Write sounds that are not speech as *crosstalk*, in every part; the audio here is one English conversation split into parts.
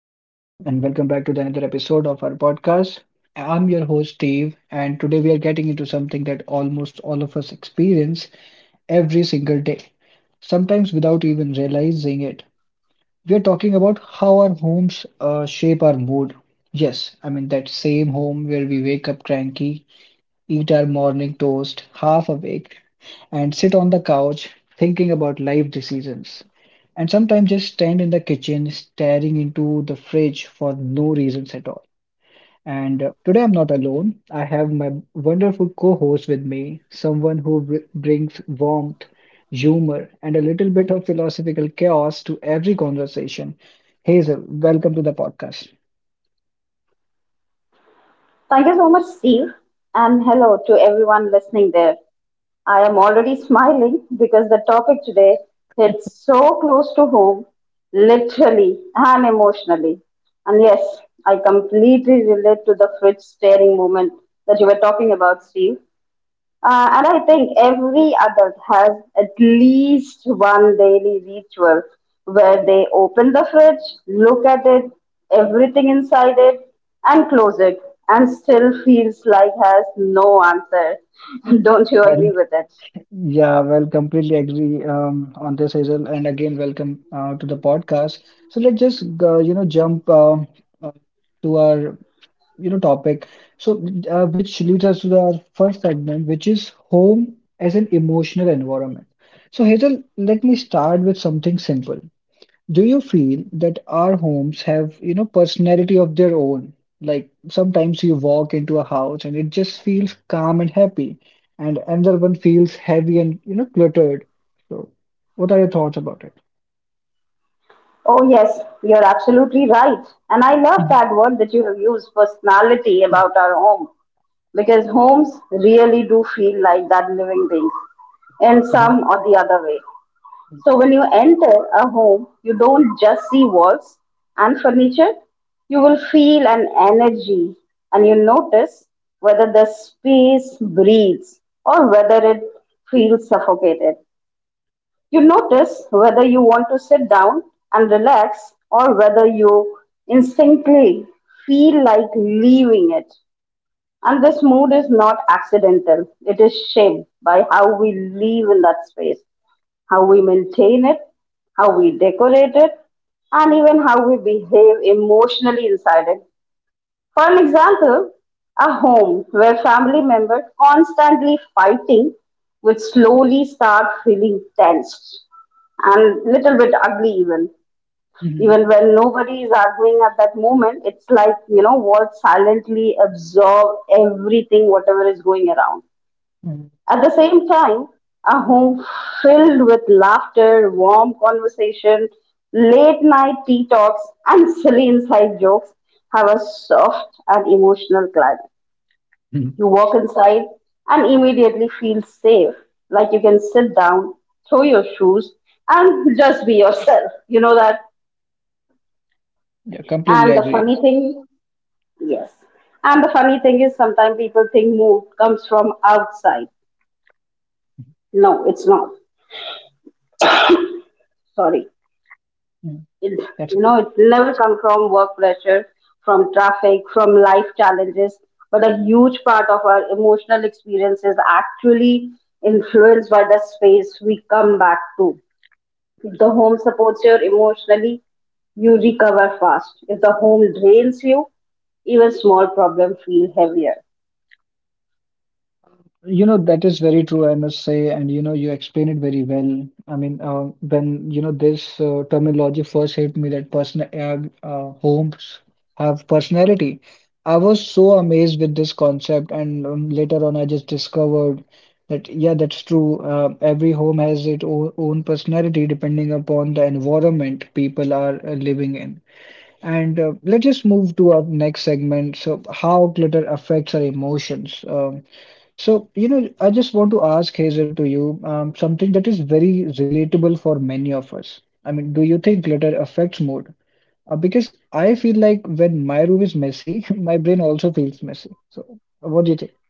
welcome back to the another episode of our podcast. I'm your host, Steve, and today we are getting into something that almost all of us experience every single day, sometimes without even realizing it. We are talking about how our homes shape our mood. Yes, I mean, that same home where we wake up cranky eat our morning toast half awake, and sit on the couch thinking about life decisions. And sometimes just stand in the kitchen staring into the fridge for no reasons at all. And today I'm not alone. I have my wonderful co-host with me, someone who br brings warmth, humor, and a little bit of philosophical chaos to every conversation. Hazel, welcome to the podcast. Thank you so much, Steve. And hello to everyone listening there. I am already smiling because the topic today hits so close to home, literally and emotionally. And yes, I completely relate to the fridge staring moment that you were talking about, Steve. And I think every adult has at least one daily ritual where they open the fridge, look at it, everything inside it, and close it, and still feels like has no answer. *laughs* Don't you Well. agree with it? Yeah, well, completely agree on this, Hazel. And again, welcome to the podcast. So let's just jump uh, to our topic. So, which leads us to the our first segment, which is home as an emotional environment. So Hazel, let me start with something simple. Do you feel that our homes have, personality of their own? Like sometimes you walk into a house and it just feels calm and happy, and another one feels heavy and, cluttered. So, what are your thoughts about it? Oh, yes, you're absolutely right. And I love Mhm. that word that you have used, personality, Mhm. about our home, because homes really do feel like that living thing in Mhm. some or the other way. So when you enter a home, you don't just see walls and furniture. You will feel an energy and you notice whether the space breathes or whether it feels suffocated. You notice whether you want to sit down and relax or whether you instinctively feel like leaving it. And this mood is not accidental, it is shaped by how we live in that space, how we maintain it, how we decorate it, and even how we behave emotionally inside it. For an example, a home where family members constantly fighting would slowly start feeling tense and little bit ugly even. Mhm. Even when nobody is arguing at that moment, it's like, walls silently absorb everything, whatever is going around. Mhm. At the same time, a home filled with laughter, warm conversation, late night tea talks, and silly inside jokes have a soft and emotional climate. Mhm. You walk inside and immediately feel safe, like you can sit down, throw your shoes, and *laughs* just be yourself. You know that? Yeah, completely And the agree. funny thing, yes. And the funny thing is, sometimes people think mood comes from outside. No, it's not. Sorry. Mhm. It, That's. It never come from work pressure, from traffic, from life challenges. But a huge part of our emotional experience is actually influenced by the space we come back to. If the home supports you emotionally, you recover fast. If the home drains you, even small problems feel heavier. You know, that is very true, I must say. And you explain it very well. I mean, when this terminology first hit me that person homes have personality. I was so amazed with this concept, and later on, I just discovered that yeah, that's true. Every home has its o own personality depending upon the environment people are living in. And let's just move to our next segment. So, how clutter affects our emotions. So, I just want to ask Hazel to you something that is very relatable for many of us. I mean, do you think clutter affects mood? Because I feel like when my room is messy, *laughs* my brain also feels messy. So, what do you think? *laughs*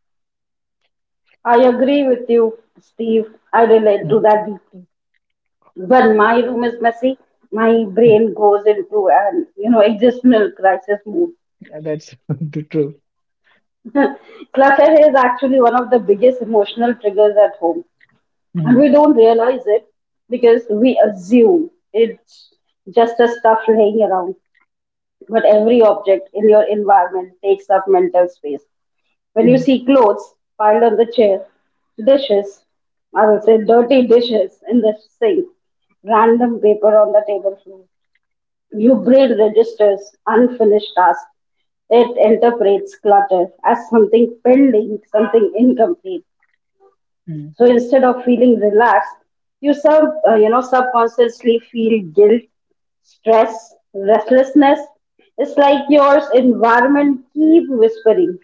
I agree with you, Steve. I relate to Mhm. that deeply. When my room is messy, my Mhm. brain goes into an existential crisis mode. Yeah, that's *laughs* the truth. Clutter is actually one of the biggest emotional triggers at home, and Mhm. we don't realize it because we assume it's just a stuff laying around. But every object in your environment takes up mental space. When you Mhm. see clothes piled on the chair, dishes, I will say dirty dishes in the sink, random paper on the table. Your brain registers unfinished tasks. It interprets clutter as something pending, something incomplete. Mhm. So instead of feeling relaxed, you subconsciously feel guilt, stress, restlessness. It's like your environment keep whispering,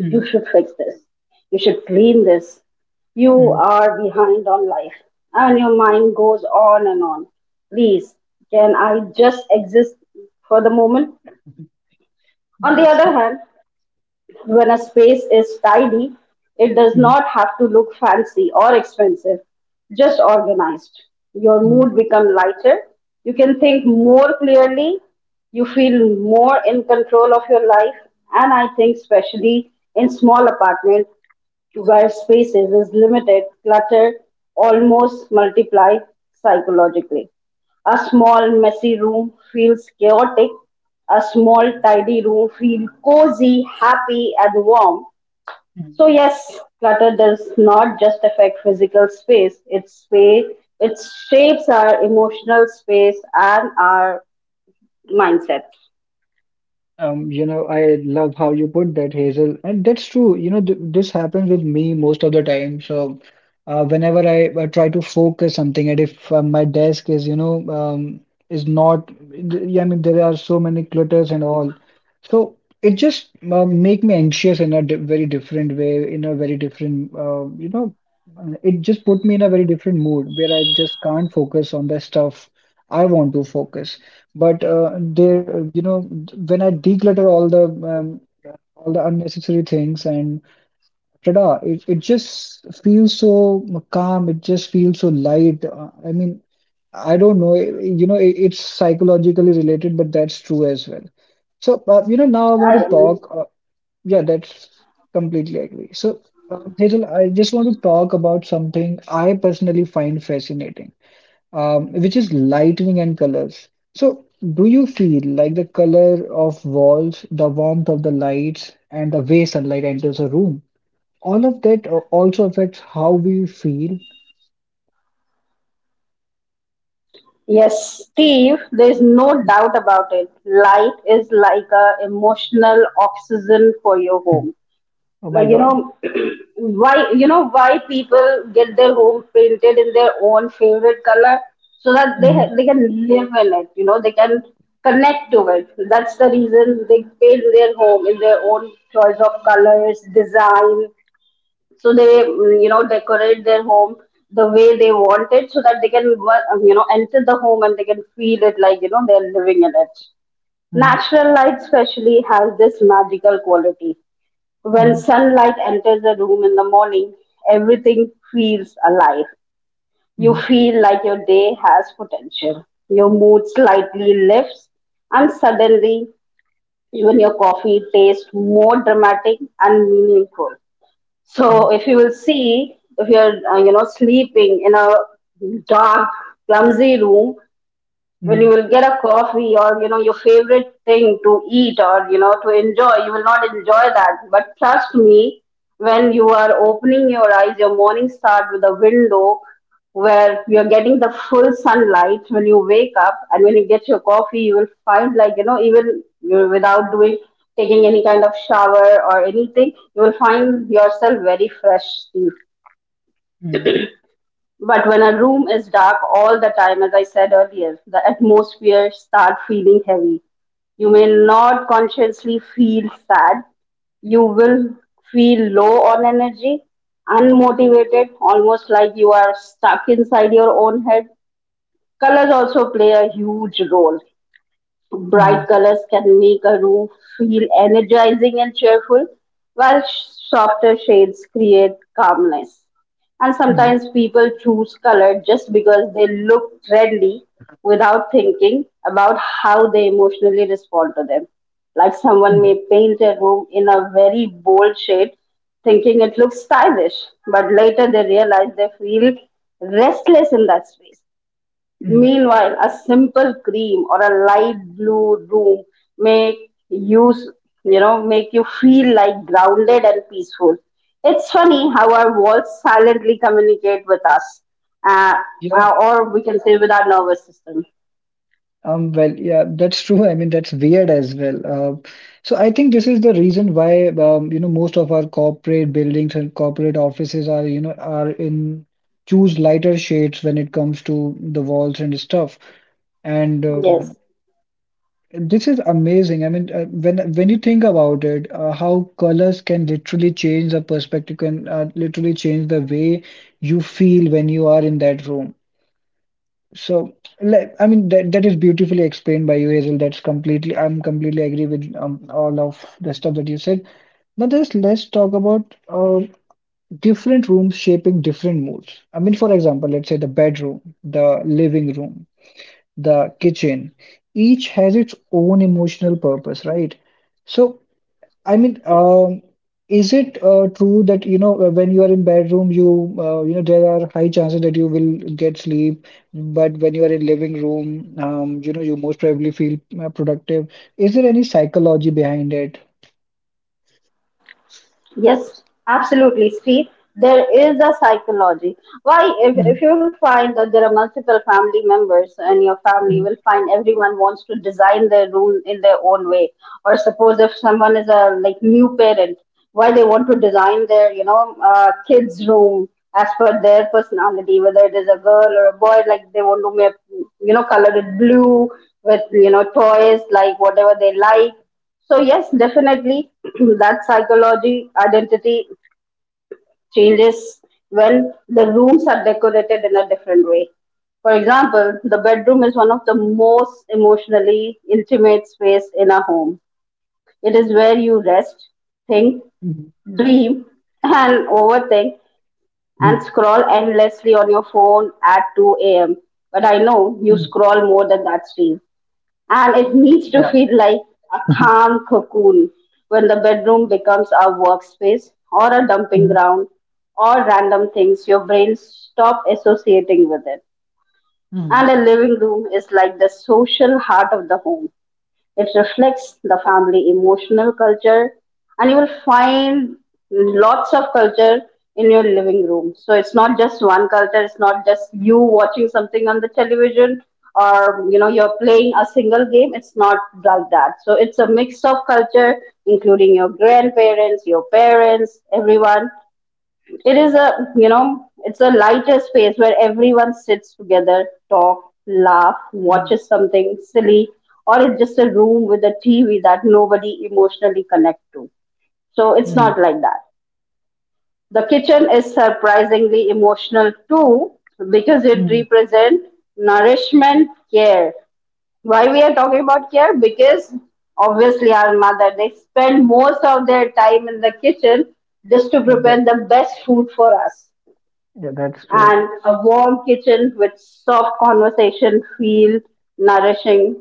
you should fix this. You should clean this. You Mhm. are behind on life. And your mind goes on and on. Please, can I just exist for the moment? Yeah, On the that's other true. hand, when a space is tidy, it does not have to look fancy or expensive, just organized. Your Mhm. mood becomes lighter. You can think more clearly. You feel more in control of your life. And I think, especially in small apartments, to where spaces is limited, clutter almost multiply psychologically. A small messy room feels chaotic. A small tidy room feels cozy, happy, and warm. Mhm. So yes, clutter does not just affect physical space. It's space. It shapes our emotional space and our mindset. You know, I love how you put that, Hazel, and that's true. You know, th this happens with me most of the time. So, whenever I try to focus something, and if my desk is, um, is not, yeah, I mean, there are so many clutters and all. So it just make me anxious in a di very different way, in a very different, it just put me in a very different mood where I just can't focus on the stuff I want to focus. But there, when I declutter all the unnecessary things and ta-da, it just feels so calm. It just feels so light. I mean, I don't know. You know, it's psychologically related, but that's true as well. So, now I want to talk. Yeah, that's completely agree. So, Hazel, I just want to talk about something I personally find fascinating, which is lighting and colors. So, do you feel like the color of walls, the warmth of the lights, and the way sunlight enters a room, all of that also affects how we feel? Yes, Steve, there's no doubt about it. Light is like a emotional oxygen for your home. Oh my Like God. *clears throat* Why why people get their home painted in their own favorite color so that they Mhm. they can live in it, they can connect to it. That's the reason they paint their home in their own choice of colors, design, so they decorate their home the way they want it so that they can enter the home and they can feel it like they're living in it. Mhm. Natural light especially has this magical quality. When Mhm. sunlight enters a room in the morning, everything feels alive. You Mhm. feel like your day has potential, your mood slightly lifts, and suddenly even your coffee tastes more dramatic and meaningful. So if you will see, if you're sleeping in a dark, clumsy room, when you Mhm. will get a coffee or your favorite thing to eat or to enjoy, you will not enjoy that. But trust me, when you are opening your eyes, your morning start with a window where you're getting the full sunlight. When you wake up and when you get your coffee, you will find like even you without doing taking any kind of shower or anything, you will find yourself very fresh. Mhm. But when a room is dark all the time, as I said earlier, the atmosphere start feeling heavy. You may not consciously feel sad. You will feel low on energy, unmotivated, almost like you are stuck inside your own head. Colors also play a huge role. Mhm. Bright colors can make a room feel energizing and cheerful, while softer shades create calmness. And Mhm. sometimes people choose color just because they look trendy without thinking about how they emotionally respond to them. Like someone Mhm. may paint a room in a very bold shade, thinking it looks stylish, but later they realize they feel restless in that space. Meanwhile, a simple cream or a light blue room may use, make you feel like grounded and peaceful. It's funny how our walls silently communicate with us, uh, Mhm. or we can say with our nervous system. Well, yeah, that's true. I mean, that's weird as well. Uh, so I think this is the reason why most of our corporate buildings and corporate offices are are in choose lighter shades when it comes to the walls and stuff. And Yes, um, this is amazing. I mean, when you think about it, how colors can literally change the perspective, can literally change the way you feel when you are in that room. So, like, I mean, that is beautifully explained by you, Hazel. I'm completely agree with all of the stuff that you said. Now, just let's talk about different rooms shaping different moods. I mean, for example, let's say the bedroom, the living room, the kitchen. Each has its own emotional purpose, right? So, I mean, yes. Is it true that when you are in bedroom, there are high chances that you will get sleep, but when you are in living room, you most probably feel productive. Is there any psychology behind it? Yes, absolutely. See, there is a psychology. Why, if Mm. you will find that there are multiple family members in your family, you Mm. will find everyone wants to design their room in their own way. Or suppose if someone is a like new parent, why they want to design their kids' room as per their personality, whether it is a girl or a boy, like they want to make color it blue with toys like whatever they like. So yes, definitely *clears throat* that psychology identity changes when the rooms are decorated in a different way. For example, the bedroom is one of the most emotionally intimate space in a home. It is where you rest, think, Mm. dream, and overthink and Mm. scroll endlessly on your phone at 2 a.m. But I know you Mm. scroll more than that, Steve, and it needs to Yeah, feel like a *laughs* calm cocoon. When the bedroom becomes a workspace or a dumping Mhm. ground or random things, your brain stop associating with it. Mhm. And a living room is like the social heart of the home. It reflects the family emotional culture, and you will find lots of culture in your living room. So it's not just one culture. It's not just you watching something on the television or you're playing a single game. It's not like that, so it's a mix of culture, including your grandparents, your parents, everyone. It is a, it's a lighter space where everyone sits together, talk, laugh, Mm. watches something silly, or it's just a room with a TV that nobody emotionally connect to. So it's Mm. Mm. not like that. The kitchen is surprisingly emotional too because it Mm. represents nourishment, care. Why we are talking about care? Because obviously our mother, they spend most of their time in the kitchen just to Yeah, prepare the best food for us. That's true. And a warm kitchen with soft conversation feel nourishing.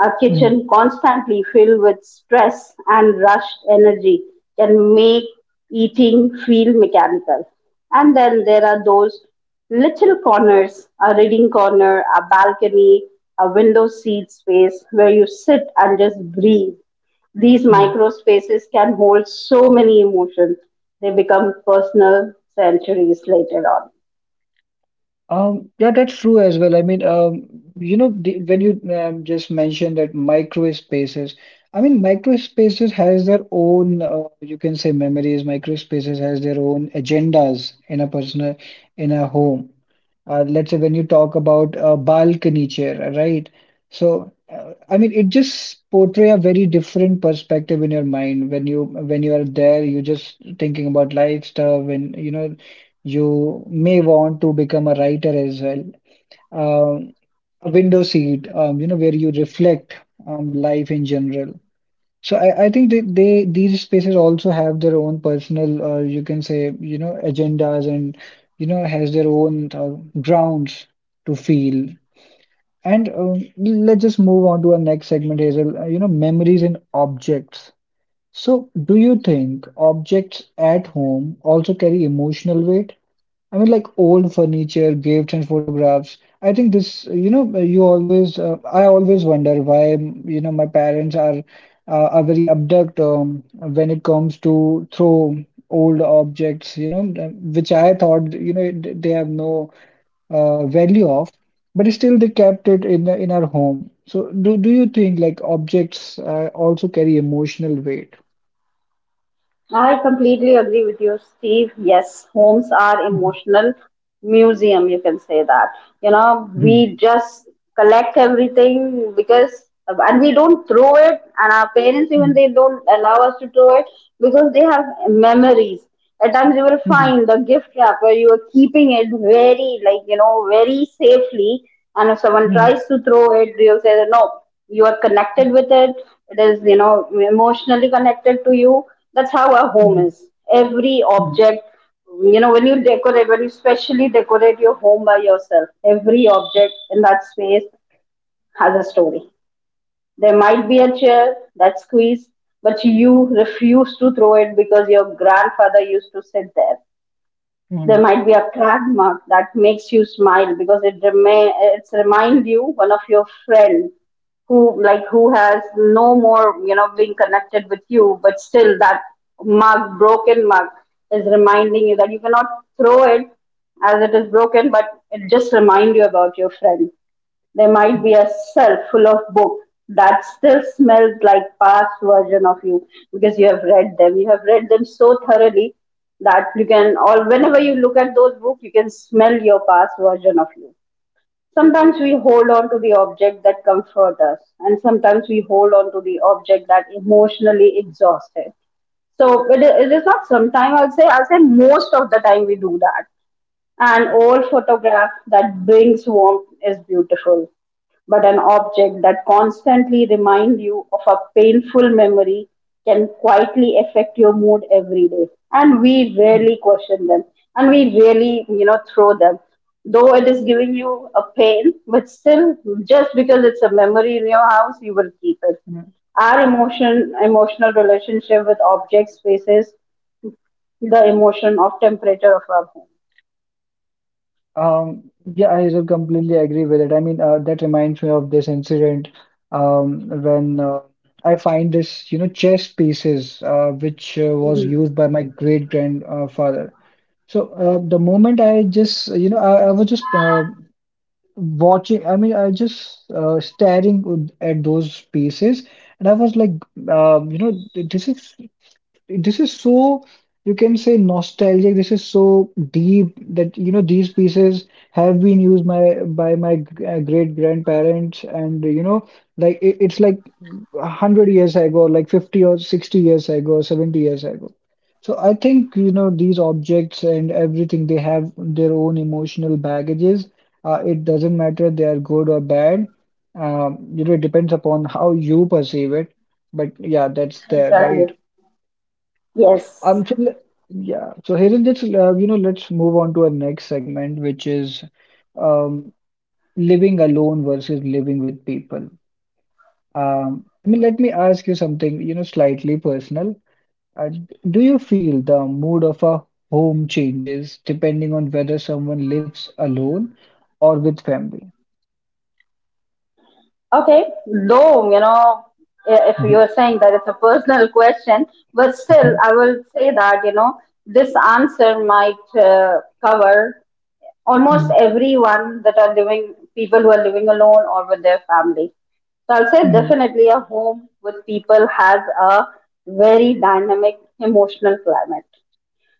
A Mm. kitchen constantly filled with stress and rushed energy can make eating feel mechanical. And then there are those little corners, a reading corner, a balcony, a window seat space where you sit and just breathe. These Mm. micro spaces can hold so many emotions, they become personal centuries later on. Yeah, that's true as well. I mean, when you just mentioned that micro spaces, I mean, micro spaces has their own, you can say memories. Micro spaces has their own agendas in a home. Let's say when you talk about a balcony chair, right? So, I mean, it just portray a very different perspective in your mind when you are there. You're just thinking about life stuff, and you may want to become a writer as well. Um, a window seat, where you reflect life in general. So I think that they these spaces also have their own personal, or you can say, agendas and has their own grounds to feel. And let's just move on to our next segment, Hazel. Memories and objects. So, do you think objects at home also carry emotional weight? I mean, like old furniture, gifts, and photographs. I think this, I always wonder why, my parents are very abduct when it comes to throw old objects, which I thought, they have no value of, but still they kept it in our home. So, do you think like objects also carry emotional weight? I completely agree with you, Steve. Yes, homes are Mhm. emotional museum, you can say that. You know, Mhm. we just collect everything because and we don't throw it and our parents even Mhm. they don't allow us to throw it because they have memories. At times you will Mhm. find the gift wrapper, you are keeping it very, like, very safely. And if someone Mhm. tries to throw it, you'll say, that, no, you are connected with it. It is, emotionally connected to you. That's how a home Mhm. is. Every Mhm. object, when you decorate, when you specially decorate your home by yourself, every object in that space has a story. There might be a chair that's squeezed, but you refuse to throw it because your grandfather used to sit there. There might be a crack mark that makes you smile because it's remind you one of your friend who has no more, being connected with you, but still that mark, broken mark, is reminding you that you cannot throw it as it is broken, but it just remind you about your friend. There might be Mhm. a shelf full of books that still smells like past version of you because you have read them. You have read them so thoroughly that you can, or whenever you look at those books, you can smell your past version of you. Mhm. Sometimes we hold on to the object that comforts us, and sometimes we hold on to the object that emotionally exhausts us. So it is not sometime, I'll say most of the time we do that. An Mhm. old photograph that brings warmth is beautiful, but an object that constantly reminds you of a painful memory can quietly affect your mood every day. And we Mhm. rarely question them, and we rarely, throw them. Though it is giving you a pain, but still, just because it's a memory in your house, you will keep it. Mhm. Our emotional relationship with objects faces the emotion of temperature of our home. Yeah, I sort completely agree with it. I mean, that reminds me of this incident, when I find this, chess pieces which was Mm-hmm. used by my great grandfather. So the moment I just, I was just watching. I mean, I just staring at those pieces, and I was like, um, you know, this is this is so, you can say, nostalgic. This is so deep that these pieces have been used my by my g- great grandparents, and like it's like a 100 years ago, like 50 or 60 years ago, 70 years ago. So I think these objects and everything, they have their own emotional baggages. It doesn't matter they are good or bad. It depends upon how you perceive it, but yeah, that's there, Exactly. right? Yes. um, so le- yeah, so Hazel, just let's move on to our next segment, which is um, living alone versus living with people. I mean, let me ask you something, slightly personal. Uh, do you feel the mood of a home changes depending on whether someone lives alone or with family? Okay. Though, you know, if Mhm. you are saying that it's a personal question, but still, I *laughs* will say that, you know, this answer might cover almost Mhm. everyone that are living, people who are living alone or with their family. So I'll say Mhm. definitely a home with people has a very dynamic emotional climate.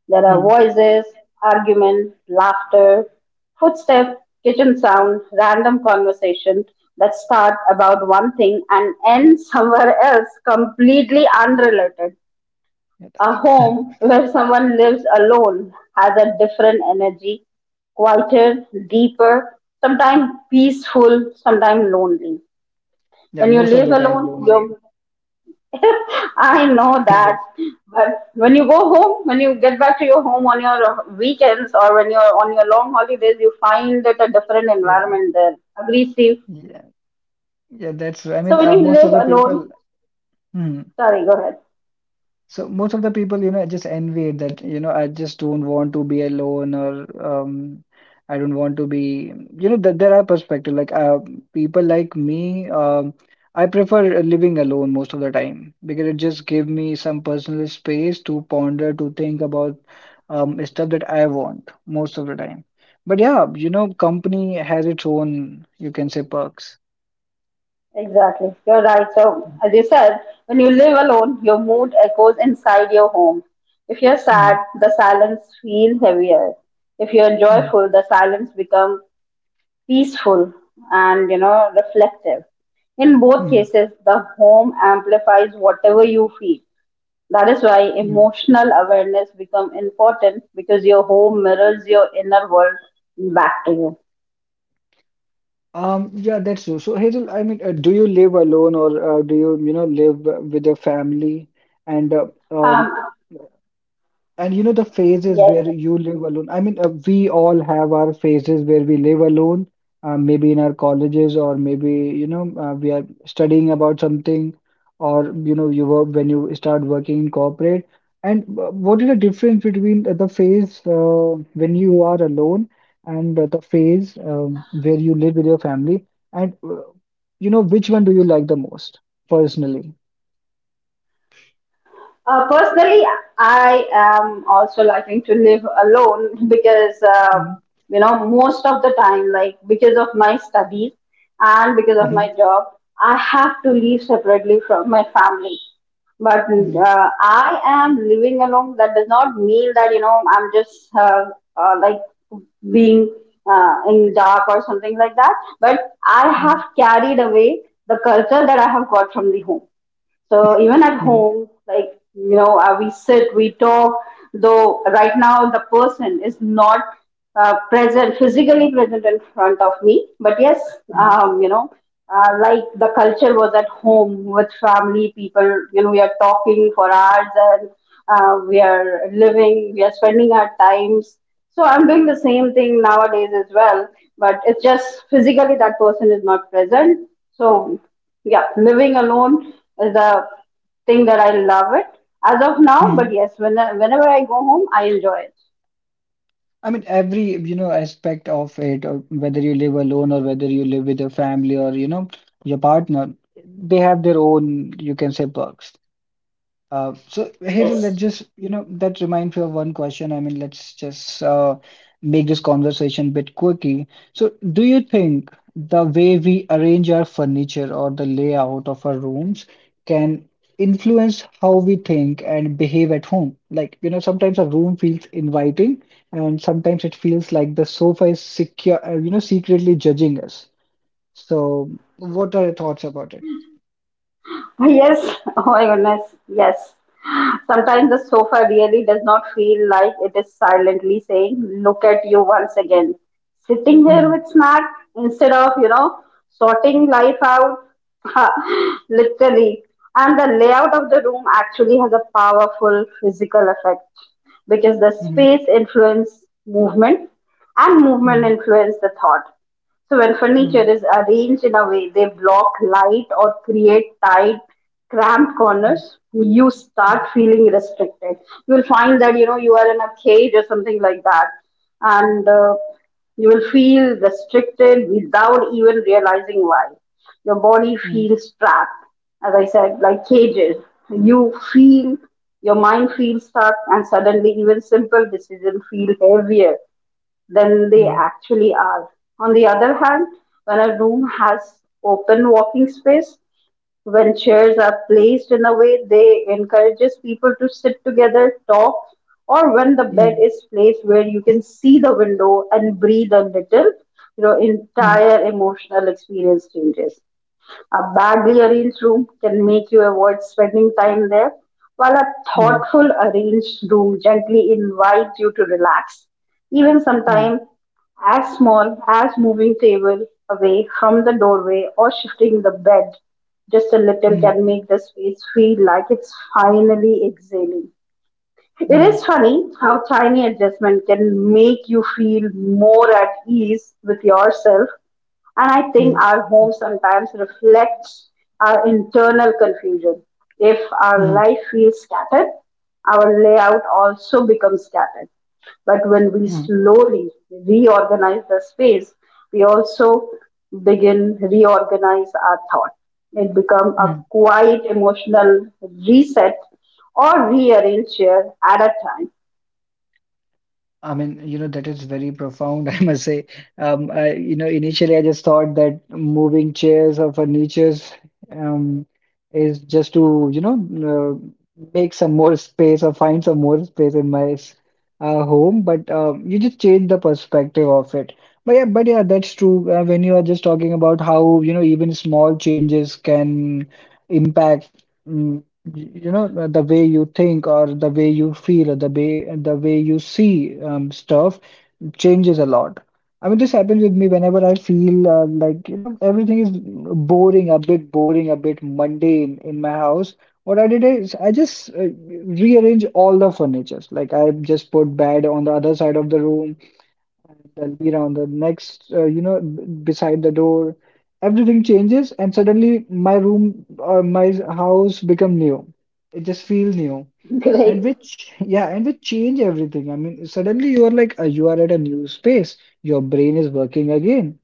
There are Mhm. voices, argument, laughter, footsteps, kitchen sound, random conversation that start about one thing and end *laughs* somewhere else completely unrelated. Yeah, A that's— home *laughs* where someone lives alone has a different energy, quieter, deeper, sometimes peaceful, sometimes lonely. Yeah, When you most of live the time alone, lonely. your— *laughs* I know *laughs* Yeah, that. that's— But when you go home, when you get back to your home on your weekends or when you're on your long holidays, you find it a different yeah, environment there. Agree, Steve? yeah, yeah. That's. I So mean, when you most live of the alone, people. Hmm. sorry, go ahead. So most of the people, just envy it that, I just don't want to be alone or um, I don't want to be, that there are perspective like people like me, I prefer living alone most of the time because it just give me some personal space to ponder, to think about stuff that I want most of the time. But yeah, company has its own, you can say, perks. Exactly. You're right. So as you said, when you live alone, your mood echoes inside your home. If you're Mm-hmm. sad, the silence feels heavier. If you're joyful, the silence becomes peaceful and, you know, reflective. In both Mm-hmm. cases the home amplifies whatever you feel. That is why emotional awareness become important, because your home mirrors your inner world back to you. Yeah, that's true. So, Hazel, I mean, do you live alone or do you, live with your family? And uh, um, um and the phases yes. where you live alone. I mean, we all have our phases where we live alone, maybe in our colleges, or maybe, we are studying about something, or, you work when you start working in corporate. And what is the difference between the phase when you are alone and the phase where you live with your family? And which one do you like the most personally? Personally, I am also liking to live alone *laughs* because, Hmm. you know, most of the time, like because of my studies and because of my Hmm. job, I have to live separately from my family. But Hmm. I am living alone. That does not mean that, you know, I'm just like being in dark or something like that. But I have carried away the culture that I have got from the home. So even at Hmm. home, like you know, we sit, we talk. Though right now the person is not present, physically present in front of me, but yes, Hmm. You know, like the culture was at home with family, people. You know, we are talking for hours, and we are living, we are spending our times. So I'm doing the same thing nowadays as well, but it's just physically that person is not present. So yeah, living alone is a thing that I love it as of now, but Hmm. yes, when— whenever I go home I enjoy it. I mean, every aspect of it, or whether you live alone or whether you live with your family or your partner, they have their own, you can say, perks. So Hazel, Yes. let's just that reminds me of one question. I mean, let's just make this conversation a bit quirky. So, do you think the way we arrange our furniture or the layout of our rooms can influence how we think and behave at home? Like, you know, sometimes a room feels inviting, and sometimes it feels like the sofa is secure, secretly judging us. So, what are your thoughts about it? Yes, *laughs* oh my goodness, yes. Sometimes the sofa really does not feel like it is silently saying, "Look at you once again. Sitting here Hmm. with snack instead of, you know, sorting life out," *laughs* literally. And the layout of the room actually has a powerful physical effect because the Hmm. space influences movement, and movement Hmm. influences the thought. So when furniture Hmm. is arranged in a way they block light or create tight, cramped Hmm. corners, you Hmm. start feeling restricted. You'll find that, you know, you are in a cage or something like that, and you will feel restricted without even realizing why. Your body Hmm. feels trapped, as I said, like cages. You feel your mind feels stuck, and suddenly even simple decisions feel heavier than they 嗯 actually are. On the other hand, when a room has open walking space, when chairs are placed in a way they encourages people to sit together, talk, or when the bed 嗯 is placed where you can see the window and breathe a little, you know, 嗯 entire emotional experience changes. A bad rearranged room can make you avoid spending time there, while a 嗯 thoughtful arranged room gently invites you to relax. Even 嗯 sometimes, as small as moving table away from the doorway or shifting the bed just a little 嗯 can make the space feel like it's finally exhaling. It is 嗯 funny how tiny adjustment can make you feel more at ease with yourself. And I think 嗯 our home sometimes reflects our internal confusion. If our 嗯 life feels scattered, our layout also becomes scattered. But when we slowly reorganize the space, we also begin reorganize our thought. It become a 嗯。quiet emotional reset or rearrange here at a time. I mean, that is very profound, *laughs* I must say. Initially I just thought that moving chairs or furnitures um, is just to, make some more space or find some more space in my home, but you just change the perspective of it. But yeah, that's true. When you are just talking about how, even small changes can impact. The way you think or the way you feel or the way you see stuff changes a lot. I mean, this happens with me whenever I feel like everything is boring, a bit mundane in my house. What I did is I just rearrange all the furnitures. Like I just put bed on the other side of the room, and I'll be around the next, beside the door. Everything changes, and suddenly my room or my house become new. It just feels new, *laughs* Great. and which, yeah, and which change everything. I mean, suddenly you are like you are at a new space. Your brain is working again.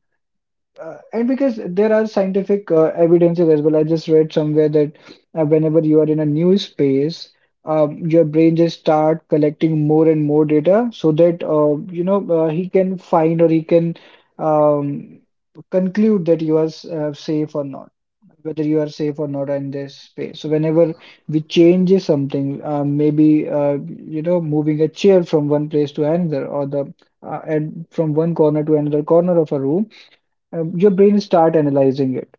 And because there are scientific evidences as well, I just read somewhere that whenever you are in a new space, your brain just start collecting more and more data so that he can find or he can um, conclude that you are safe or not, whether you are safe or not in this space. So whenever we change something, maybe moving a chair from one place to another, or the and from one corner to another corner of a room, your brain start analyzing it.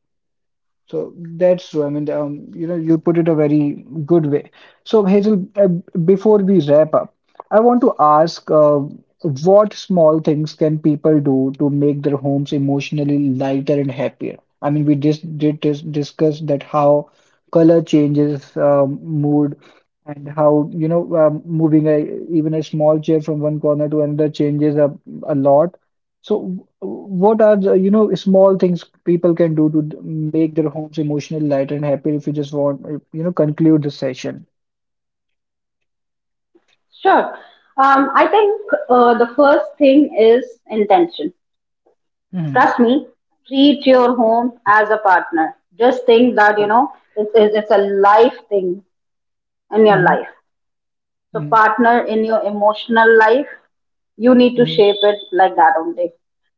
So that's true. I mean, you put it a very good way. So Hazel, before we wrap up, I want to ask, what small things can people do to make their homes emotionally lighter and happier? I mean, we just did discuss that how color changes mood, and how, moving a, even a small chair from one corner to another changes a lot. So, what are the small things people can do to make their homes emotionally light and happy if you just want, conclude the session? Sure. I think the first thing is intention. Hmm. Trust me, treat your home as a partner. Just think that, you Oh. know, it's a life thing in your life. Hmm. So Hmm. partner in your emotional life, you need to Hmm. shape it like that only.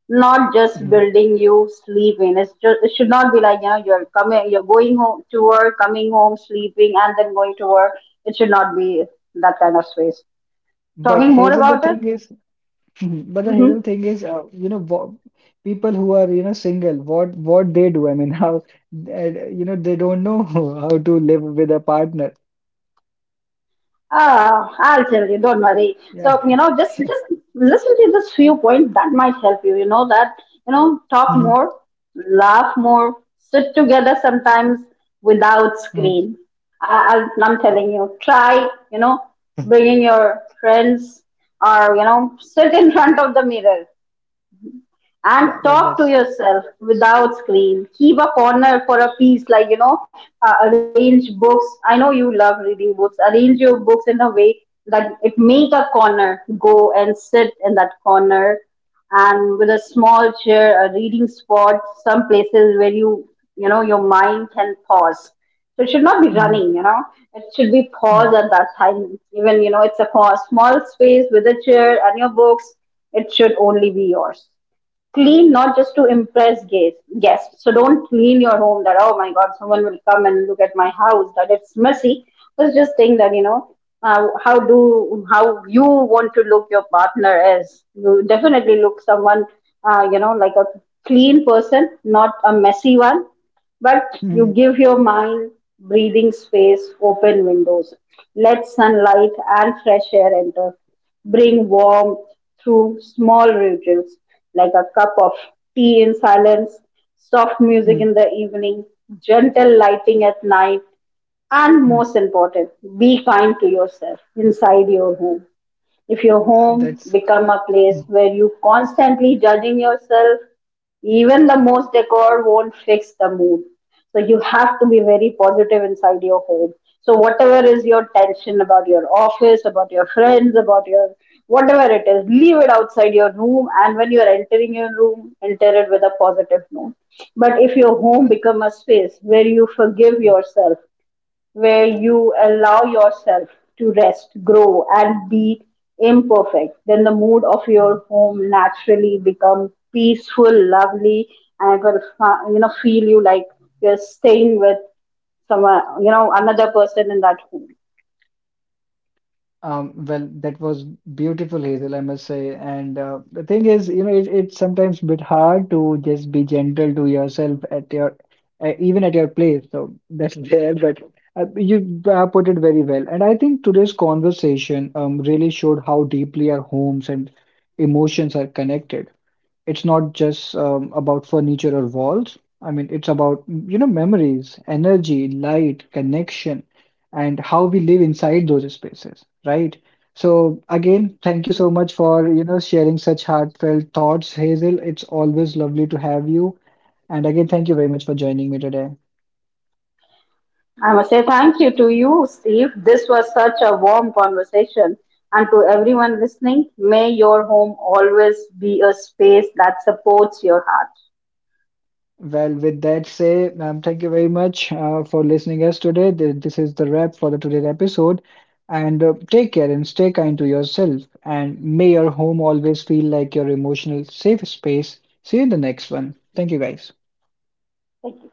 Not just Hmm. building you sleeping. It's just it should not be like, you know, you're going home to work, coming home, sleeping, and then going to work. It should not be that kind of space. But Talking more Hazel, the about it? thing is, *laughs* Mhm. But the Hazel Mm-hmm. thing is, people who are, single, what they do? I mean, *laughs* how, they don't know, *laughs* how to live with a partner. Ah, I'll tell you, don't worry. Yeah, So, you know, just *laughs* yeah. just listen to this few points that might help you. You know that, you know, talk Hmm. more, laugh more, sit together sometimes without Hmm. screen. I'm telling Oh. you, try, you know, *laughs* bringing your friends, or, you know, sit in *laughs* front of the mirror and Yeah, but talk to that's. yourself without screen. Keep a corner for a piece, like, you know, arrange books. I know you love reading books. Arrange your books in a way that it make a corner. Go and sit in that corner and with a small chair, a reading spot, some places where you know your mind can pause. So it should not be Hmm. running, you know, it should be paused Hmm. at that time. Even, you know, it's a small space with a chair and your books, it should only be yours. Clean, not just to impress guests, so don't clean your home that, oh my god, someone will come and look at my house that it's messy, but just think that, you know, how you want to look your partner as? You definitely look someone, you know, like a clean person, not a messy one. But you Mm-hmm. give your mind breathing space, open windows, let sunlight and fresh air enter, bring warmth through small rituals like a cup of tea in silence, soft music Mm-hmm. in the evening, gentle lighting at night, and most important, be kind to yourself inside your home. If your Yeah, home that's. become a place where you constantly judging yourself, even the most decor won't fix the mood. So you have to be very positive inside your home. So whatever is your tension about your office, about your friends, about your— whatever it is, leave it outside your room. And when you are entering your room, enter it with a positive note. But if your home become a space where you forgive yourself, where you allow yourself to rest, grow, and be imperfect, then the mood of your home naturally becomes peaceful, lovely, and it will you know feel you like you're staying with someone, you know, another person in that home. Well, that was beautiful, Hazel, I must say. And the thing is, it's sometimes bit hard to just be gentle to yourself at even at your place. So that's *laughs* there, but you put it very well. And I think today's conversation really showed how deeply our homes and emotions are connected. It's not just about furniture or walls. I mean, it's about, memories, energy, light, connection, and how we live inside those spaces, right? So again, thank you so much for, sharing such heartfelt thoughts, Hazel. It's always lovely to have you. And again, thank you very much for joining me today. I must say thank you to you, Steve. This was such a warm conversation. And to everyone listening, may your home always be a space that supports your heart. Well, with that say, thank you very much for listening us today. This is the wrap for the today's episode. And take care and stay kind to yourself. And may your home always feel like your emotional safe space. See you in the next one. Thank you, guys. Thank you.